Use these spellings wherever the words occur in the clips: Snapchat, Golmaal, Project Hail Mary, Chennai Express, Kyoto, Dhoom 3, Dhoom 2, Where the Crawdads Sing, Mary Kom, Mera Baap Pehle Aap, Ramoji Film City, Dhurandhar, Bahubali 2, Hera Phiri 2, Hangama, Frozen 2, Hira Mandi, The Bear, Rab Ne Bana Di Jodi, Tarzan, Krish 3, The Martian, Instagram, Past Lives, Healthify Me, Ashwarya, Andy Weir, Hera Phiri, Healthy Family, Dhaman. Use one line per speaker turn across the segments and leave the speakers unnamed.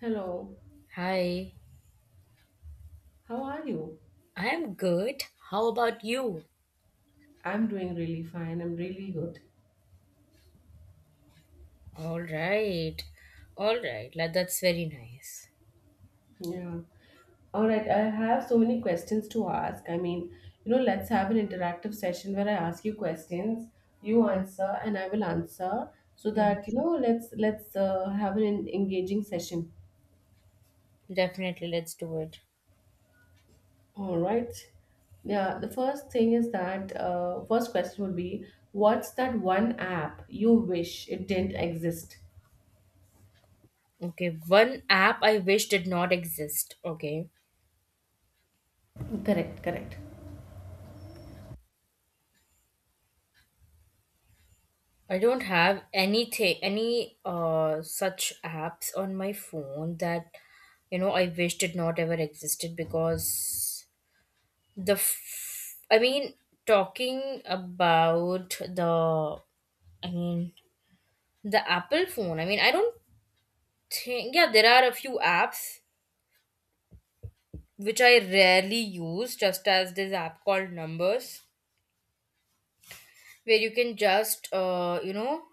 Hello,
Hi,
how are you?
I am good. How about you?
I'm doing really fine. I'm really good.
All right. All right. That's very nice.
Yeah. All right, I have so many questions to ask. I mean, you know, let's have an interactive session where I ask you questions, you answer, and I will answer so
Mhm.
that, you know, let's have an engaging session.
Definitely, let's do it.
All right. Yeah, the first thing is that first question would be, what's that one app you wish it didn't exist?
Okay, one app I wish did not exist. Okay.
Correct, correct.
I don't have any such apps on my phone that I wish did not ever existed because the f- I mean talking about the I mean the Apple phone. I mean I don't think, yeah, there are a few apps which I rarely use, just as this app called numbers where you can just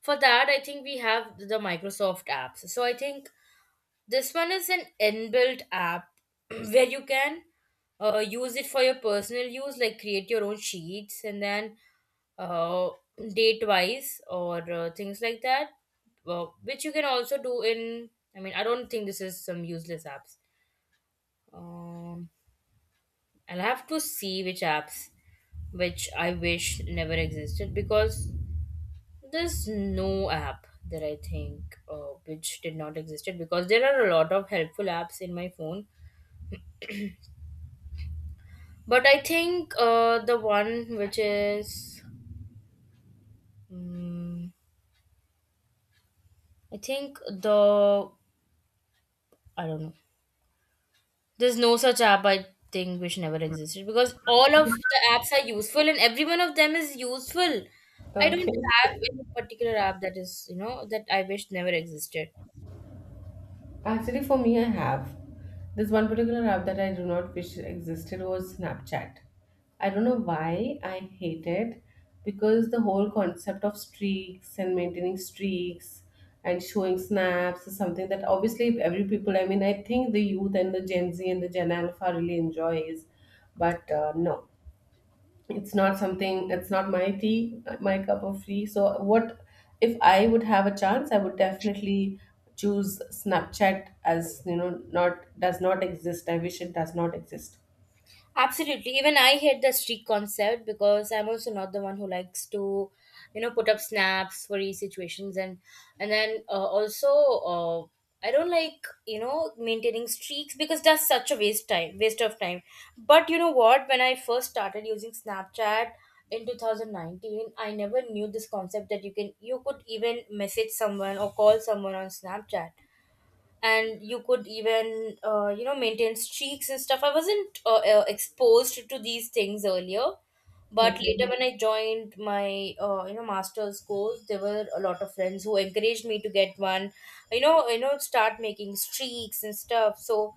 for that I think we have the Microsoft apps. So I think this one is an inbuilt app where you can use it for your personal use, like create your own sheets and then uh, date wise or things like that, which you can also do in, I mean, I don't think this is some useless apps. um I'll have to see which apps which I wish never existed, because there's no app that I think which did not existed because there are a lot of helpful apps in my phone. But I think the one which is mm I think the I don't know. There's no such app I think which never existed because all of the apps are useful and every one of them is useful. I don't have
Okay.
any particular app that is, that I wish never existed.
Actually, for me, I have. This one particular app that I do not wish existed was Snapchat. I don't know why I hate it because the whole concept of streaks and maintaining streaks and showing snaps is something that obviously every people, I mean, I think the youth and the Gen Z and the Gen Alpha really enjoys, but no, it's not something, it's not my tea, my cup of tea. So what, if I would have a chance, I would definitely choose Snapchat as, you know, not, does not exist. I wish it does not exist.
Absolutely. Even I hate the streak concept because I'm also not the one who likes to, you know, put up snaps for these situations and and then also, uh, I don't like, you know, maintaining streaks because that's such a waste time, waste of time. But you know what? When I first started using Snapchat in 2019, I never knew this concept that you could even message someone or call someone on Snapchat and you could even, uh, maintain streaks and stuff. I wasn't exposed to these things earlier, but
Okay.
later when I joined my master's course, there were a lot of friends who encouraged me to get one, you know, start making streaks and stuff. So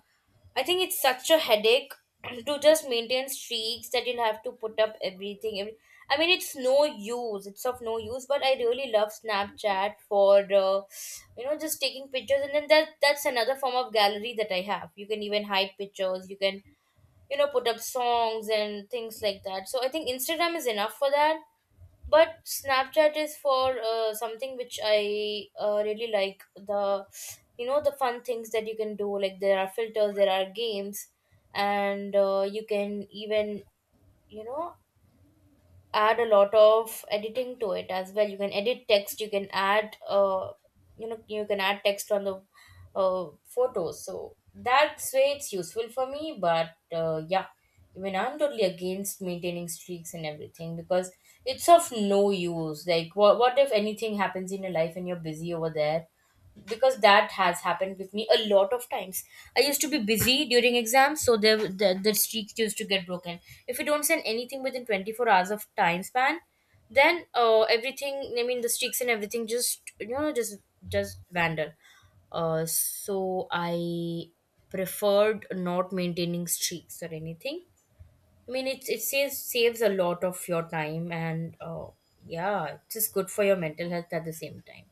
I think it's such a headache to just maintain streaks, that you'll have to put up everything. I mean, it's no use. It's of no use. But I really love Snapchat for, uh, just taking pictures, and then that's another form of gallery that I have. You can even hide pictures. You can, you know, put up songs and things like that. So I think Instagram is enough for that, but Snapchat is for something which I really like. The, you know, the fun things that you can do, like there are filters, there are games, and you can even, you know, add a lot of editing to it as well. You can edit text. You can add, uh, you can add text on the photos. So that's way it's useful for me. But yeah, even I'm totally against maintaining streaks and everything because it's of no use. Like what if anything happens in your life and you're busy over there? Because that has happened with me a lot of times. I used to be busy during exams, so the streak used to get broken. If you don't send anything within 24 hours of time span, then, everything. I mean, the streaks and everything just, just wander. So I preferred not maintaining streaks or anything. I mean, it saves a lot of your time and, yeah, it's just good for your mental health at the same time.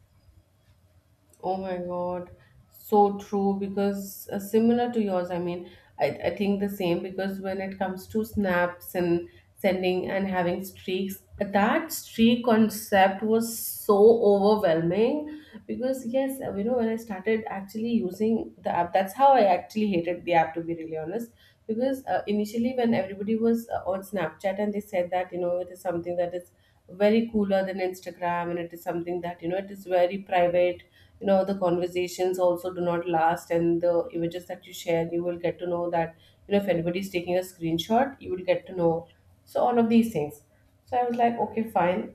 Oh my God, so true. Because similar to yours, I mean, I think the same. Because when it comes to snaps and sending and having streaks, that streak concept was so overwhelming. Because, yes, you know, when I started actually using the app, that's how I actually hated the app, to be really honest. Because initially, when everybody was on Snapchat and they said that, you know, it is something that is very cooler than Instagram and it is something that, you know, it is very private. You know, the conversations also do not last, and the images that you share, you will get to know that, you know, if anybody is taking a screenshot, you will get to know. So all of these things, so I was like, okay, fine,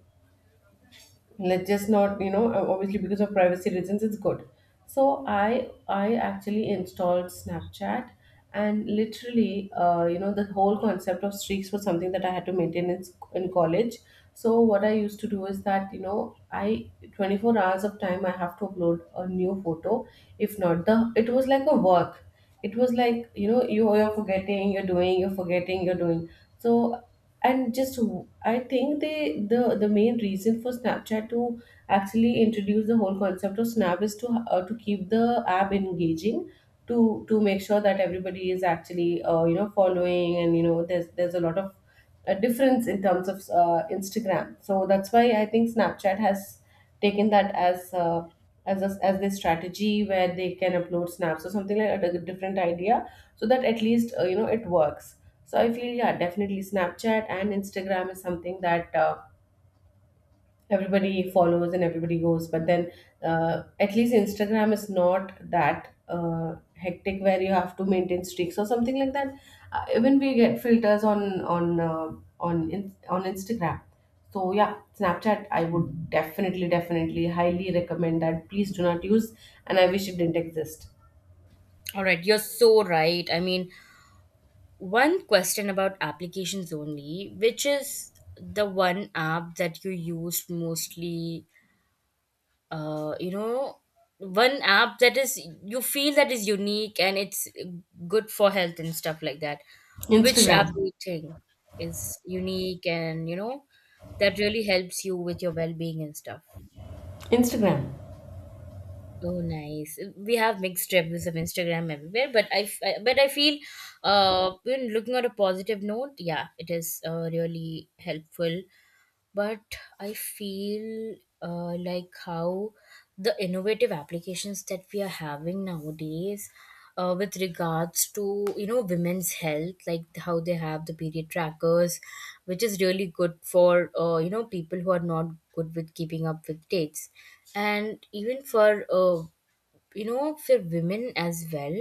let's just not, you know, obviously because of privacy reasons, it's good. So I actually installed Snapchat, and literally you know, the whole concept of streaks was something that I had to maintain in, in college. So what I used to do is that, you know, I, 24 hours of time I have to upload a new photo. If not, the it was like a work. It was like, you know, you, you're forgetting, you're doing, you're forgetting, you're doing. So, and just I think they, the main reason for Snapchat to actually introduce the whole concept of snap is to keep the app engaging, to to make sure that everybody is actually you know, following, and you know, there's a lot of a difference in terms of Instagram. So that's why I think Snapchat has taken that as a, as their strategy, where they can upload snaps or something like that, a different idea, so that at least you know, it works. So I feel, yeah, definitely Snapchat and Instagram is something that everybody follows and everybody goes. But then, at least Instagram is not that hectic where you have to maintain streaks or something like that. Even we get filters on on Instagram. So yeah, Snapchat I would definitely, definitely, highly recommend that. Please do not use, and I wish it didn't exist.
All right, you're so right. I mean, one question about applications only, which is the one app that you used mostly, uh, you know, one app that is, you feel, that is unique and it's good for health and stuff like that. Which
Instagram.
app do you think is unique and, you know, that really helps you with your well being and stuff?
Instagram.
Oh, nice. We have mixed reviews of Instagram everywhere, but I feel, when looking at a positive note, yeah, it is, really helpful. But I feel, like how the innovative applications that we are having nowadays, with regards to, you know, women's health, like how they have the period trackers, which is really good for, you know, people who are not good with keeping up with dates, and even for, you know, for women as well,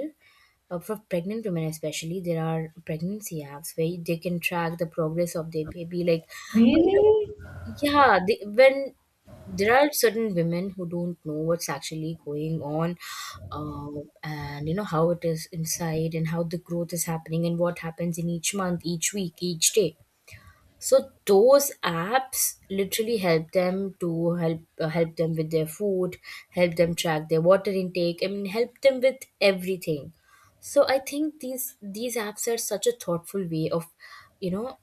for pregnant women especially. There are pregnancy apps where they can track the progress of their baby, like, uh, you
Really?
know, yeah, when there are certain women who don't know what's actually going on, and you know how it is inside and how the growth is happening and what happens in each month, each week, each day. So those apps literally help them to help them with their food, help them track their water intake, I mean, help them with everything. So I think these apps are such a thoughtful way of, you know,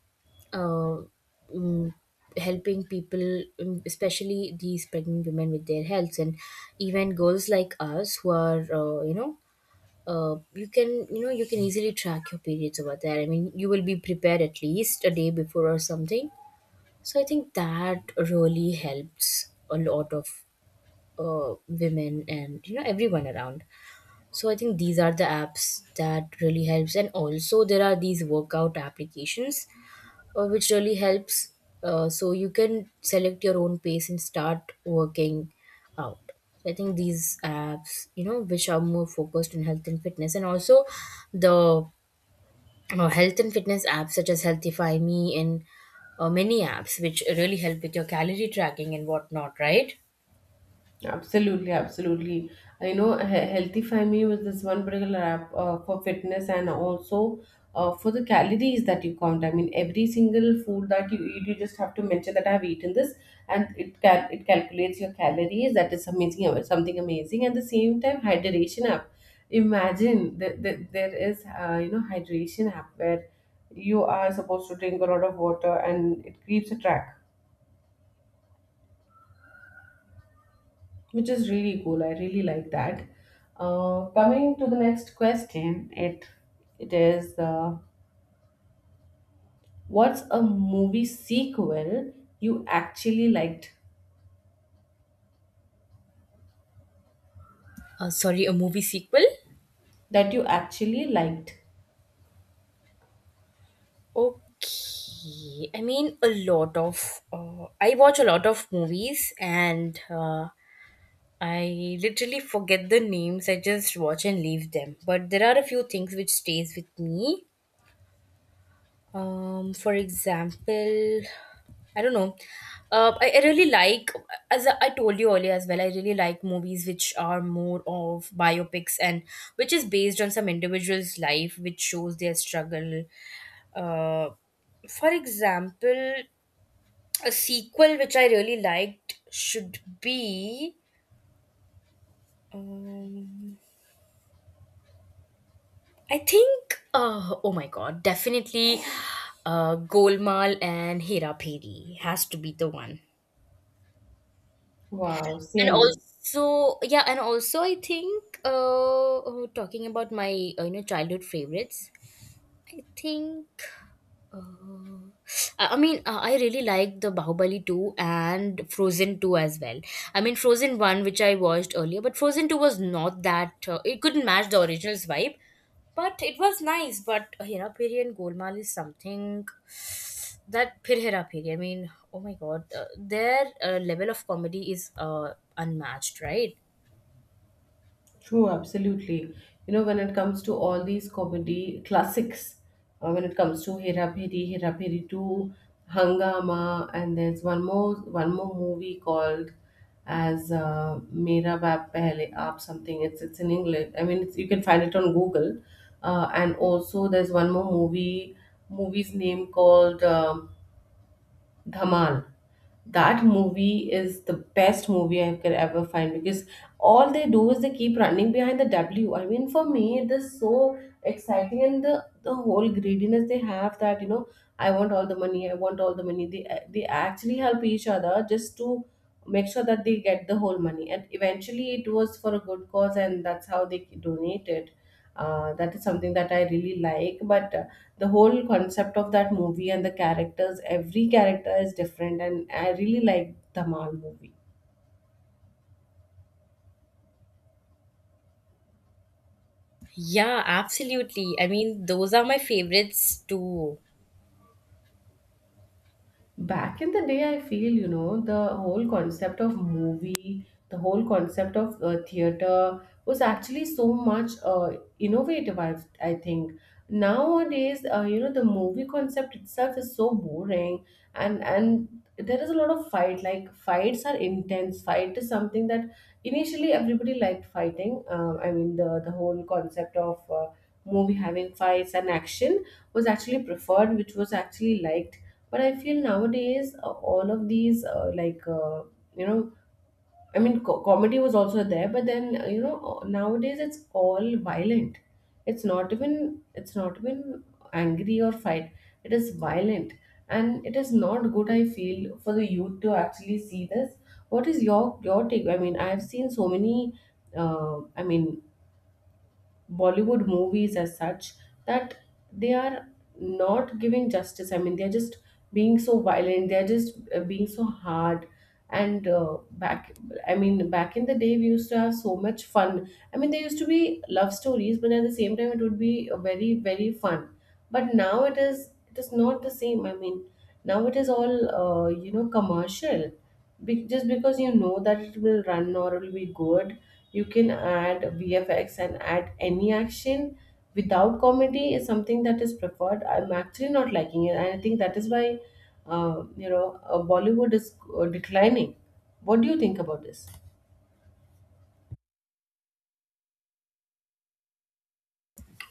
uh, mm, helping people, especially these pregnant women, with their health, and even girls like us who are, you can, you know, you can easily track your periods over there. I mean, you will be prepared at least a day before or something. So I think that really helps a lot of, women, and, you know, everyone around. So I think these are the apps that really helps, and also there are these workout applications, which really helps. So you can select your own pace and start working out. So I think these apps, you know, which are more focused on health and fitness, and also the health and fitness apps such as Healthify Me and, many apps which really help with your calorie tracking and whatnot, right?
Absolutely, absolutely. I know, Healthy Family was this one particular app for fitness and also for the calories that you count. I mean, every single food that you eat, you just have to mention that I have eaten this, and it it calculates your calories. That is amazing, something amazing. At the same time, hydration app. Imagine that, that there is you know, hydration app where you are supposed to drink a lot of water and it keeps a track, which is really cool. I really like that. Coming to the next question, it is what's a movie sequel you actually liked,
Sorry, a movie sequel.
that you actually liked?
Okay, I mean, a lot of. I watch a lot of movies, and, I literally forget the names. I just watch and leave them. But there are a few things which stays with me. For example, I don't know. I really like, as I told you earlier as well, I really like movies which are more of biopics and which is based on some individual's life, which shows their struggle. Uh, for example, a sequel which I really liked should be. Um, I think, oh my god, definitely, Golmaal and Hera Phiri has to be the one.
Wow,
And
same.
also, yeah, and also I think, talking about my, childhood favorites, I think, Uh, I really like the Bahubali 2 and Frozen 2 as well. I mean, Frozen 1, which I watched earlier, but Frozen 2 was not that, it couldn't match the original's vibe, but it was nice. But Hera Peri and Golmaal is something that Phir Hera Peri, I mean, oh my god, their level of comedy is, unmatched, right?
True, absolutely. You know, when it comes to all these comedy classics, when it comes to Hera Phiri, Hera Phiri 2, Hangama, and there's one more movie called as Mera Baap Pehle Aap something. It's in English. I mean, it's, you can find it on Google. And also, there's one more movie's name called Dhaman. That movie is the best movie I could ever find because all they do is they keep running behind the W. I mean, for me, it is so exciting, and the whole greediness they have that, you know, I want all the money, I want all the money. They they actually help each other just to make sure that they get the whole money, and eventually it was for a good cause, and that's how they donated. Uh, that is something that I really like. But the whole concept of that movie and the characters, every character is different, and I really like the mal movie.
Yeah, absolutely. I mean, those are my favorites too.
Back in the day, I feel, you know, the whole concept of movie, the whole concept of theater was actually so much innovative. I think nowadays you know, the movie concept itself is so boring, and there is a lot of fight, like fights are intense. Fight is something that initially everybody liked fighting. I mean, the whole concept of movie having fights and action was actually preferred, which was actually liked. But I feel nowadays all of these like you know, I mean, comedy was also there, but then you know, nowadays it's all violent. It's not even, it's not even angry or fight, it is violent, and it is not good, I feel, for the youth to actually see this. What is your take? I mean, I have seen so many I mean, Bollywood movies as such that they are not giving justice. I mean, they're just being so violent. They're just being so hard. And back, I mean, back in the day, we used to have so much fun. I mean, there used to be love stories, but at the same time, it would be very, very fun. But now it is not the same. I mean, now it is all, you know, commercial. Just because you know that it will run or it will be good, you can add vfx and add any action without comedy is something that is preferred. I'm actually not liking it, and I think that is why you know, Bollywood is declining. What do you think about this?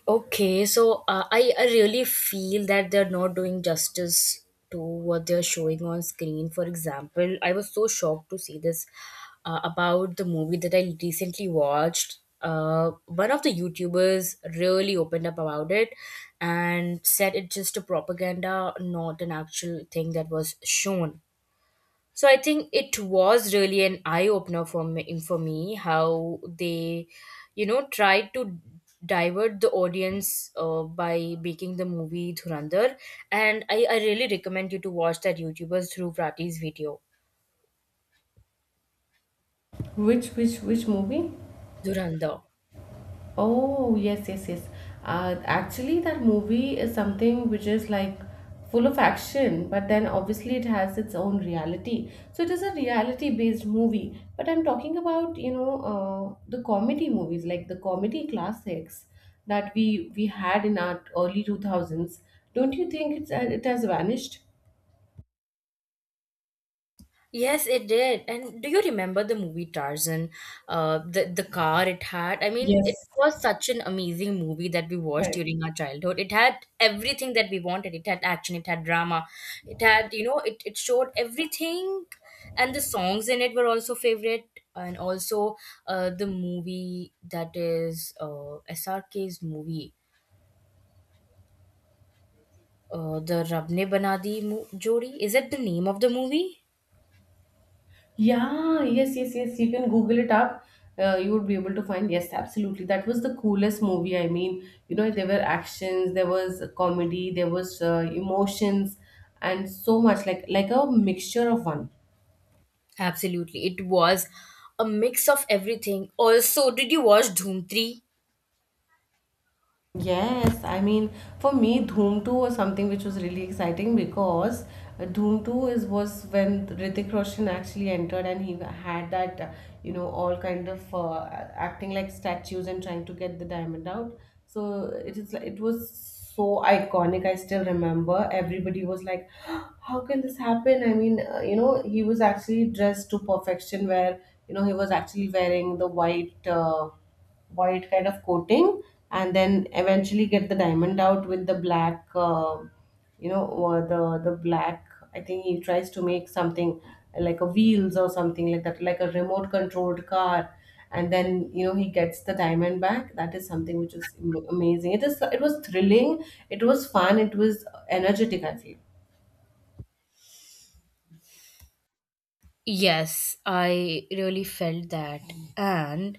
Okay, so, I really feel that they're not doing justice to what they're showing on screen. For example, I was so shocked to see this, about the movie that I recently watched. One of the YouTubers really opened up about it and said it's just a propaganda, not an actual thing that was shown. So I think it was really an eye opener for me how they, you know, tried to divert the audience, by making the movie Dhurandhar, and I really recommend you to watch that YouTuber's through Prati's video.
Which movie?
Dhurandhar.
Oh, yes, yes, yes. Actually, that movie is something which is like full of action, but then obviously it has its own reality. So it is a reality-based movie. But I'm talking about, you know, the comedy movies, like the comedy classics that we had in our early 2000s. Don't you think it's it has vanished?
Yes, it did. And do you remember the movie Tarzan? The the car it had. I mean, it
Yes.
was such an amazing movie that we watched
Correct.
during our childhood. It had everything that we wanted. It had action. It had drama. It had, you know, it showed everything, and the songs in it were also favorite. And also, the movie that is, SRK's movie, the Rab Ne Bana Di Jodi. Is it the name of the movie?
Yeah, yes, yes, yes. You can Google it up. You would be able to find, yes, absolutely. That was the coolest movie. I mean, you know, there were actions, there was comedy, there was emotions, and so much like a mixture of one.
Absolutely. It was a mix of everything. Also, did you watch Dhoom 3?
Yes, I mean, for me, Dhoom 2 was something which was really exciting because Dhoom 2 is, was when Hrithik Roshan actually entered, and he had that you know, all kind of acting like statues and trying to get the diamond out. So it is like- it was so iconic. I still remember everybody was like, "How can this happen?" I mean, you know, he was actually dressed to perfection where, you know, he was actually wearing the white. White kind of coating, and then eventually get the diamond out with the black, you know, or the black. I think he tries to make something like a wheels or something like that, like a remote controlled car, and then, you know, he gets the diamond back. That is something which is amazing. It is, it was thrilling, it was fun, it was energetic, I feel.
Yes, I really felt that. And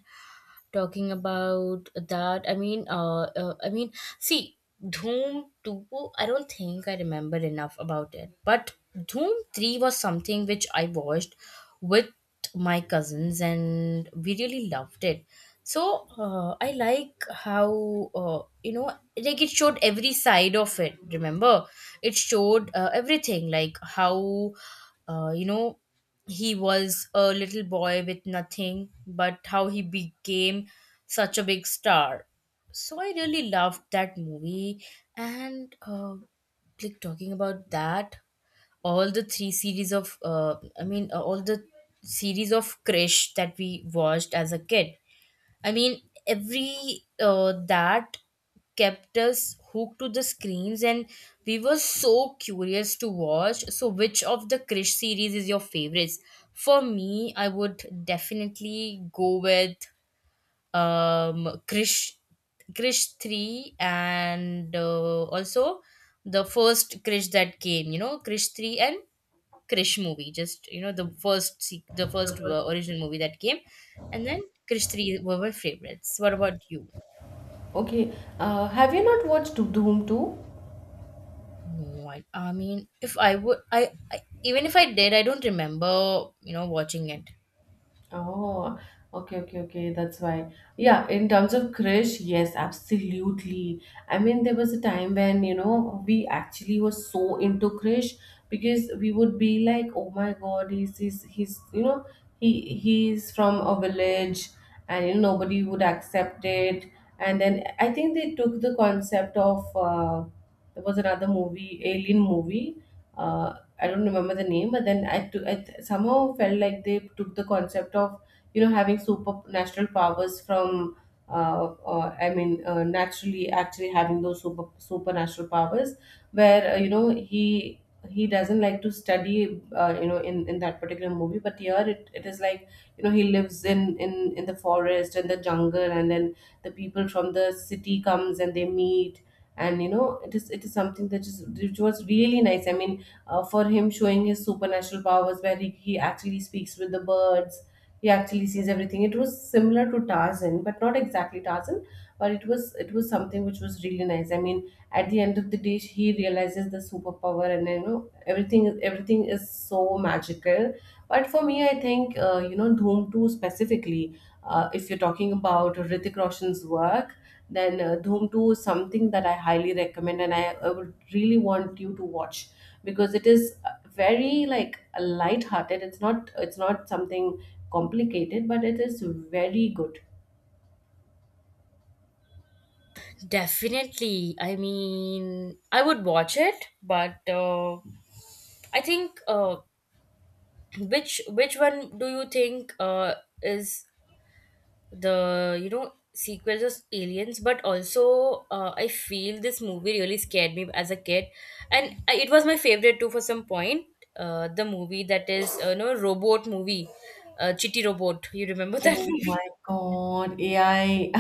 talking about that, I mean, see, doom 2, I don't think I remember enough about it, but doom 3 was something which I watched with my cousins and we really loved it. So I like how, you know, like it showed every side of it, remember? It showed everything, like how uh, you know he was a little boy with nothing, but how he became such a big star. So I really loved that movie. And like talking about that, all the three series of, all the series of Krish that we watched as a kid. I mean, every that kept us hooked to the screens, and we were so curious to watch. So, which of the Krish series is your favorites? For me, I would definitely go with um krish krish 3, and also the first krish that came, you know, krish 3, and krish movie, just, you know, the first original movie that came, and then krish 3 were my favorites. What about you?
Okay. Uh, have you not watched Doom 2?
No, I mean, if I would, I, even if I did, I don't remember, you know, watching it.
Oh, okay, okay, okay. That's why. Yeah, in terms of crush, yes, absolutely. I mean, there was a time when, you know, we actually were so into crush, because we would be like, oh my God, he's, you know, he's from a village, and, you know, nobody would accept it. And then I think they took the concept of, there was another movie, Alien movie. Uh, I don't remember the name, but then I, took, I th- somehow felt like they took the concept of having supernatural powers from I mean naturally actually having those supernatural powers, where he doesn't like to study in that particular movie, but here it is like he lives in the forest and the jungle, and then the people from the city comes and they meet, and you know it is something that is which was really nice. I mean for him showing his supernatural powers where he actually speaks with the birds. He actually sees everything. It was similar to Tarzan, but not exactly Tarzan, but it was something which was really nice. I mean, at the end of the day he realizes the superpower, and everything is so magical. But for me I think, Dhoom 2 specifically. If you're talking about Hrithik Roshan's work, then Dhoom 2 is something that I highly recommend, and I would really want you to watch, because it is very like light-hearted. It's not something complicated, but it is very good.
Definitely, I mean I would watch it, but I think, which one do you think is the, you know, sequels of aliens? But also I feel this movie really scared me as a kid, and I- it was my favorite too for some point. The movie that is, you know, robot movie, chitty robot, you remember that
Oh
movie?
my God, AI.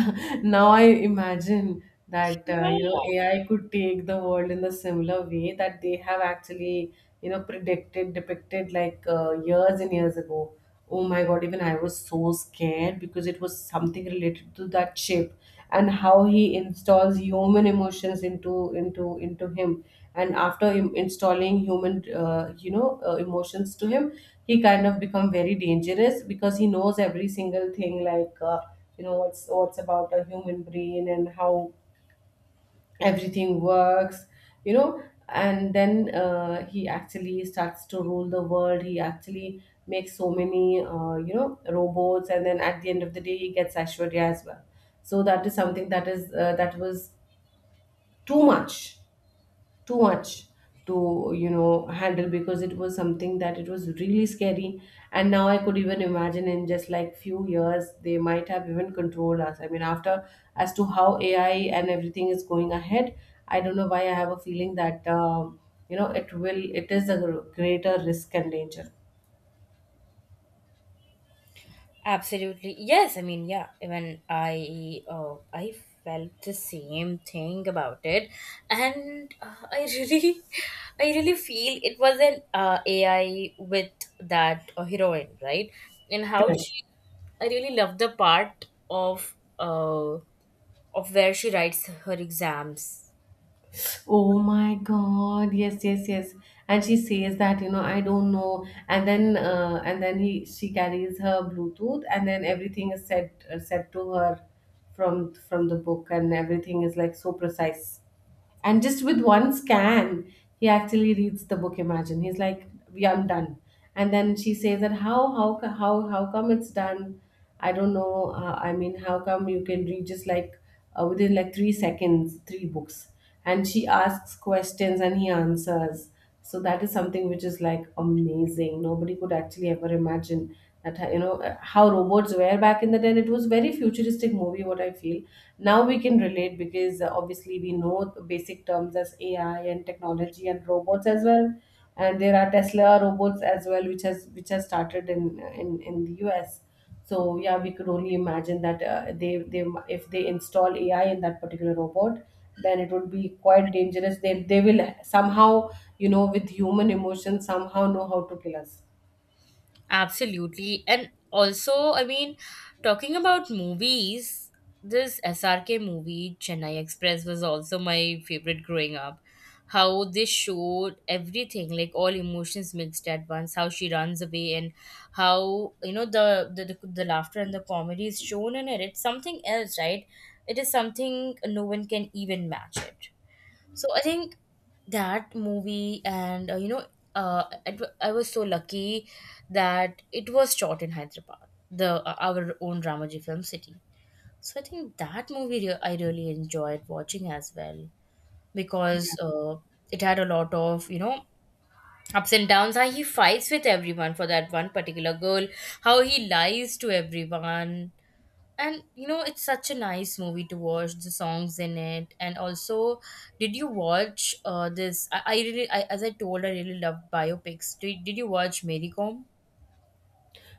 Now I imagine that
Yeah.
AI could take the world in the similar way that they have actually predicted, depicted years and years ago. Oh my God, even I was so scared because it was something related to that chip, and how he installs human emotions into him. And after installing human emotions to him, he kind of become very dangerous, because he knows every single thing, what's about a human brain and how everything works. You know and then He actually starts to rule the world. He actually makes so many robots, and then at the end of the day he gets Ashwarya as well. So that is something that was too much, too much to handle, because it was something that it was really scary. And now I could even imagine in just like few years they might have even controlled us, I mean, after, as to how AI and everything is going ahead. I don't know why I have a feeling that it is a greater risk and danger.
Absolutely. Yes, I mean, yeah, even I, I felt the same thing about it. And I really, I really feel it was an AI with that heroine, right? And how
Correct.
she, I really love the part of where she writes her exams.
Oh my God. Yes, yes, yes. And she says that, you know, I don't know. And then he she carries her Bluetooth, and then everything is said, said to her from the book, and everything is like so precise. And just with one scan, he actually reads the book. Imagine, he's like, "Yeah, I'm done." And then she says that, how co- how come it's done? I don't know. I mean, how come you can read just within like 3 seconds, three books? And she asks questions and he answers, so that is something which is like amazing. Nobody could actually ever imagine that, how robots were back in the day. And it was very futuristic movie, what I feel. Now we can relate, because obviously we know the basic terms as AI and technology and robots as well. And there are Tesla robots as well, which has started in the US. So yeah, we could only imagine that, they if they install AI in that particular robot, then it would be quite dangerous. They will somehow, with human emotion, somehow know how to kill us.
Absolutely. And also, I mean, talking about movies, this SRK movie, Chennai Express, was also my favorite growing up. How they showed everything, like all emotions mixed at once, how she runs away, and how, you know, the laughter and the comedy is shown in it. It's something else, right? It is something no one can even match it. So I think that movie, and I was so lucky that it was shot in Hyderabad, the, our own Ramoji film city. So I think that movie I really enjoyed watching as well, because it had a lot of, you know, ups and downs. How he fights with everyone for that one particular girl, how he lies to everyone, and, you know, it's such a nice movie to watch, the songs in it. And also, did you watch this? As I told, I really love biopics. Did you watch Mary Kom?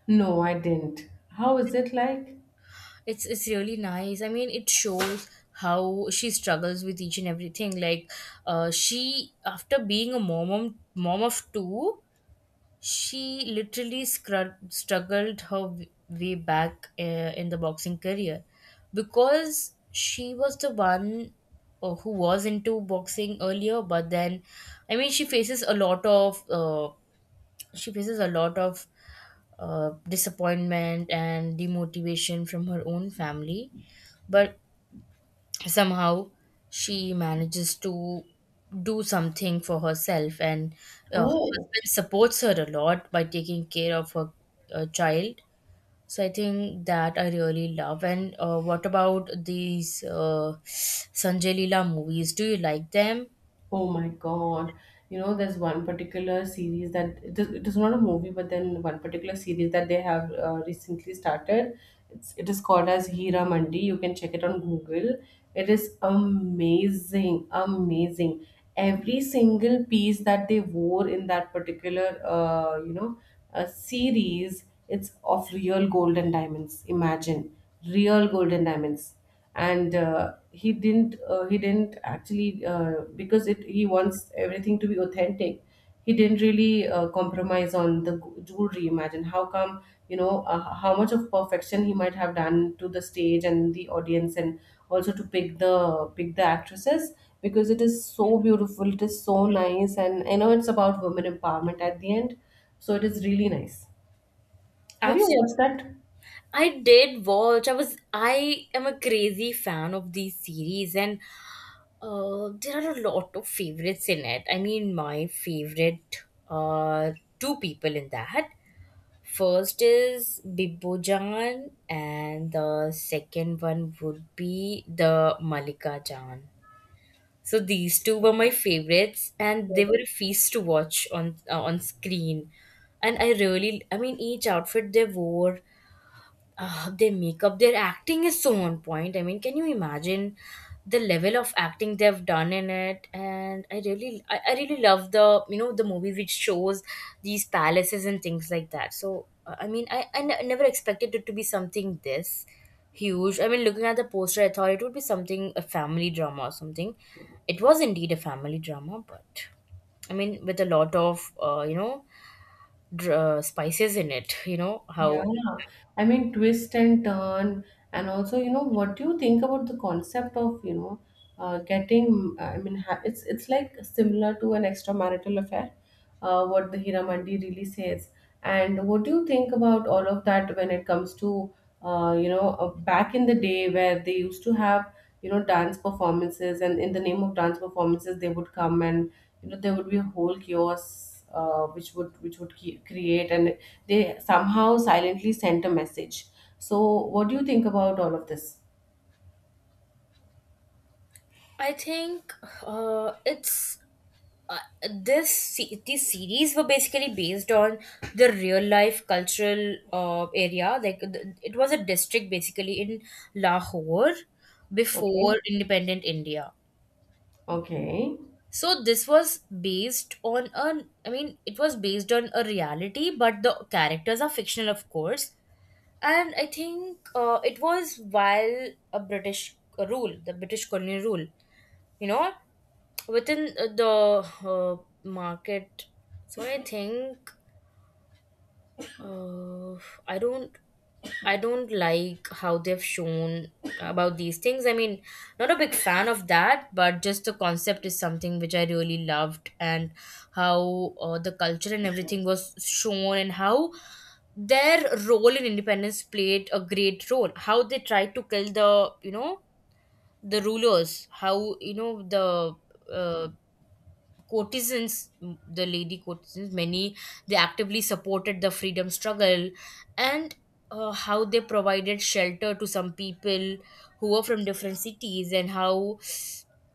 No, I didn't. How is it like?
It's really nice. I mean, it shows how she struggles with each and everything. Like, she, after being a mom of two, she literally struggled her way back in the boxing career, because she was the one who was into boxing earlier. But then, I mean, she faces a lot of disappointment and demotivation from her own family. But somehow she manages to do something for herself, and her
Oh.
husband supports her a lot by taking care of her child. So I think that I really love. And what about these sanjay leela movies, do you like them?
Oh my God. You know, there's one particular series that, it is not a movie, but then one particular series that they have recently started. It is called as Hira Mandi. You can check it on Google. It is amazing, amazing. Every single piece that they wore in that particular, series, it's of real gold and diamonds. Imagine, real gold and diamonds. And he didn't actually because it he wants everything to be authentic. He didn't really compromise on the jewelry. Imagine how come, how much of perfection he might have done to the stage and the audience, and also to pick the actresses, because it is so beautiful, it is so nice, and I know it's about women empowerment at the end. So it is really nice. Have you
Absolutely.
watched that?
I did watch. I was. I am a crazy fan of these series, and there are a lot of favorites in it. I mean, my favorite are two people in that. First is Bibbojan, and the second one would be the Malika Jan. So these two were my favorites, and they were a feast to watch on screen. And I really, I mean, each outfit they wore, their makeup, their acting is so on point. I mean, can you imagine the level of acting they've done in it? And I really, I really love the, you know, the movie which shows these palaces and things like that. So I mean, never expected it to be something this huge. I mean, looking at the poster, I thought it would be something a family drama or something. It was indeed a family drama, but I mean, with a lot of, spices in it. You know
Yeah,
how.
I mean, twist and turn, and also, you know, what do you think about the concept of, getting? I mean, ha it's like similar to an extramarital affair, what the Hiramandi really says. And what do you think about all of that when it comes to, back in the day, where they used to have, dance performances, and in the name of dance performances, they would come and, there would be a whole chaos, create, and they somehow silently sent a message. So, what do you think about all of this?
I think it's uh, these series were basically based on the real life cultural area. Like it was a district basically in Lahore
Okay.
before independent India.
Okay.
So this was based on a. I mean it was based on a reality, but the characters are fictional, of course. And I think it was while a British rule, the British colonial rule, you know, within the uh, market. So I think uh, i don't I don't like how they've shown about these things. I mean, not a big fan of that, but just the concept is something which I really loved, and how the culture and everything was shown, and how their role in independence played a great role, how they tried to kill, the you know, the rulers, how, you know, the uh, courtesans, the lady courtesans, many, they actively supported the freedom struggle. And how they provided shelter to some people who were from different cities, and how,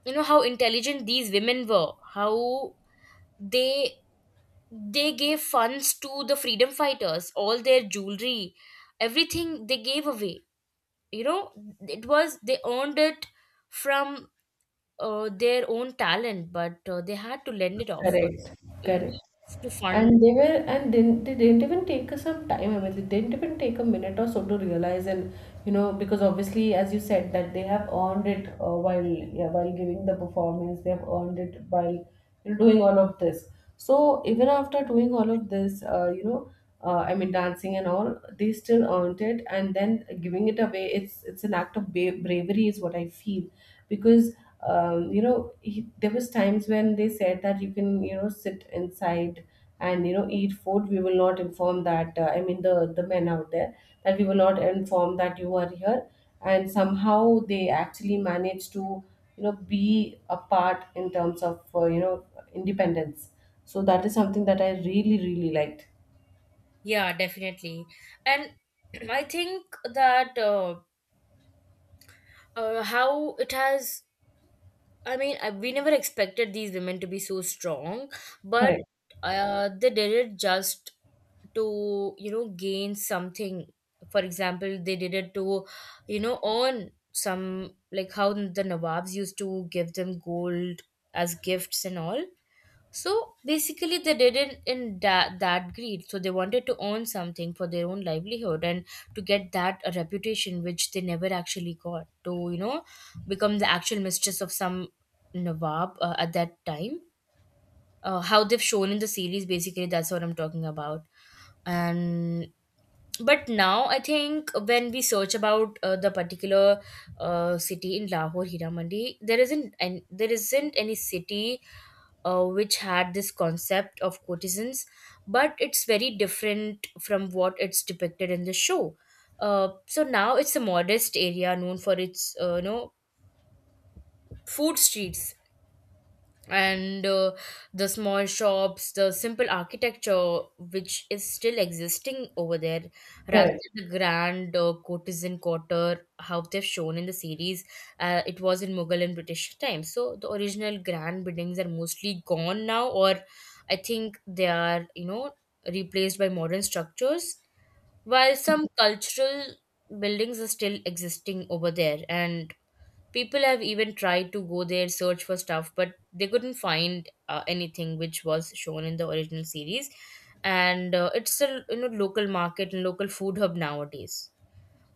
you know, how intelligent these women were, how they they gave funds to the freedom fighters, all their jewelry, everything they gave away. You know, it was they earned it from their own talent, but they had to lend it off,
Correct.
you know,
Correct.
to fund.
And they were, and didn't, they didn't even take us some time. I mean, they didn't even take a minute or so to realize, and because obviously, as you said, that they have earned it while giving the performance, they have earned it while doing all of this. So even after doing all of this, I mean, dancing and all, they still earned it, and then giving it away. It's an act of bravery, is what I feel, because there was times when they said that you can, sit inside, and eat food. We will not inform that, I mean, the men out there, that we will not inform that you are here. And somehow they actually manage to, be apart in terms of, independence. So that is something that I really really liked.
Yeah, definitely. And I think that how it has, I mean, we never expected these women to be so strong, but
Correct.
they did it just to, you know, gain something. For example, they did it to, you know, earn some, like how the Nawabs used to give them gold as gifts and all. So basically, they didn't, in that greed. So they wanted to own something for their own livelihood, and to get that a reputation which they never actually got to, you know, become the actual mistress of some Nawab at that time. How they've shown in the series, basically, that's what I'm talking about. And but now I think when we search about the particular city in Lahore, Hira Mandi, there isn't any city which had this concept of courtesans, but it's very different from what it's depicted in the show. So now it's a modest area known for its, you know, food streets, and the small shops, the simple architecture, which is still existing over there, rather
Correct.
than the grand courtesan quarter how they've shown in the series. It was in mughal and british times. So the original grand buildings are mostly gone now, or I think they are, you know, replaced by modern structures, while some cultural buildings are still existing over there. And people have even tried to go there, search for stuff, but they couldn't find anything which was shown in the original series. And it's a, you know, local market and local food hub nowadays.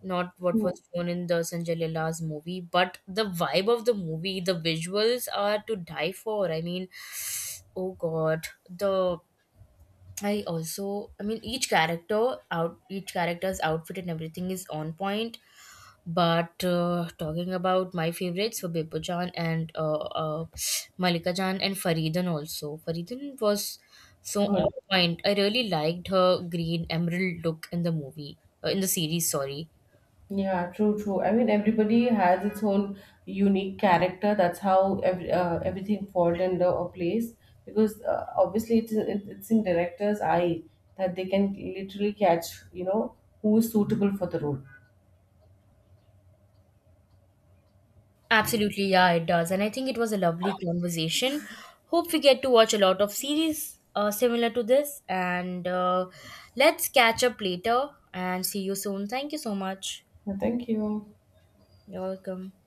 Not what was
Hmm.
shown in the Sanjay Leela's movie, but the vibe of the movie, the visuals are to die for. I mean, oh god, the, I also, I mean, each character's outfit and everything is on point. But talking about my favorites were Bipul Jain, and Malika Jain and Faridan also. Faridan was so on
Good.
point. I really liked her green emerald look in the movie, in the series, sorry.
Yeah, true, true. I mean, everybody has its own unique character. That's how everything falls into a place, because obviously it's in director's eye that they can literally catch, you know, who is suitable for the role.
Absolutely, yeah, it does. And I think it was a lovely conversation. Hope we get to watch a lot of series similar to this. And let's catch up later and see you soon. Thank you so much.
Yeah, thank you.
You're welcome.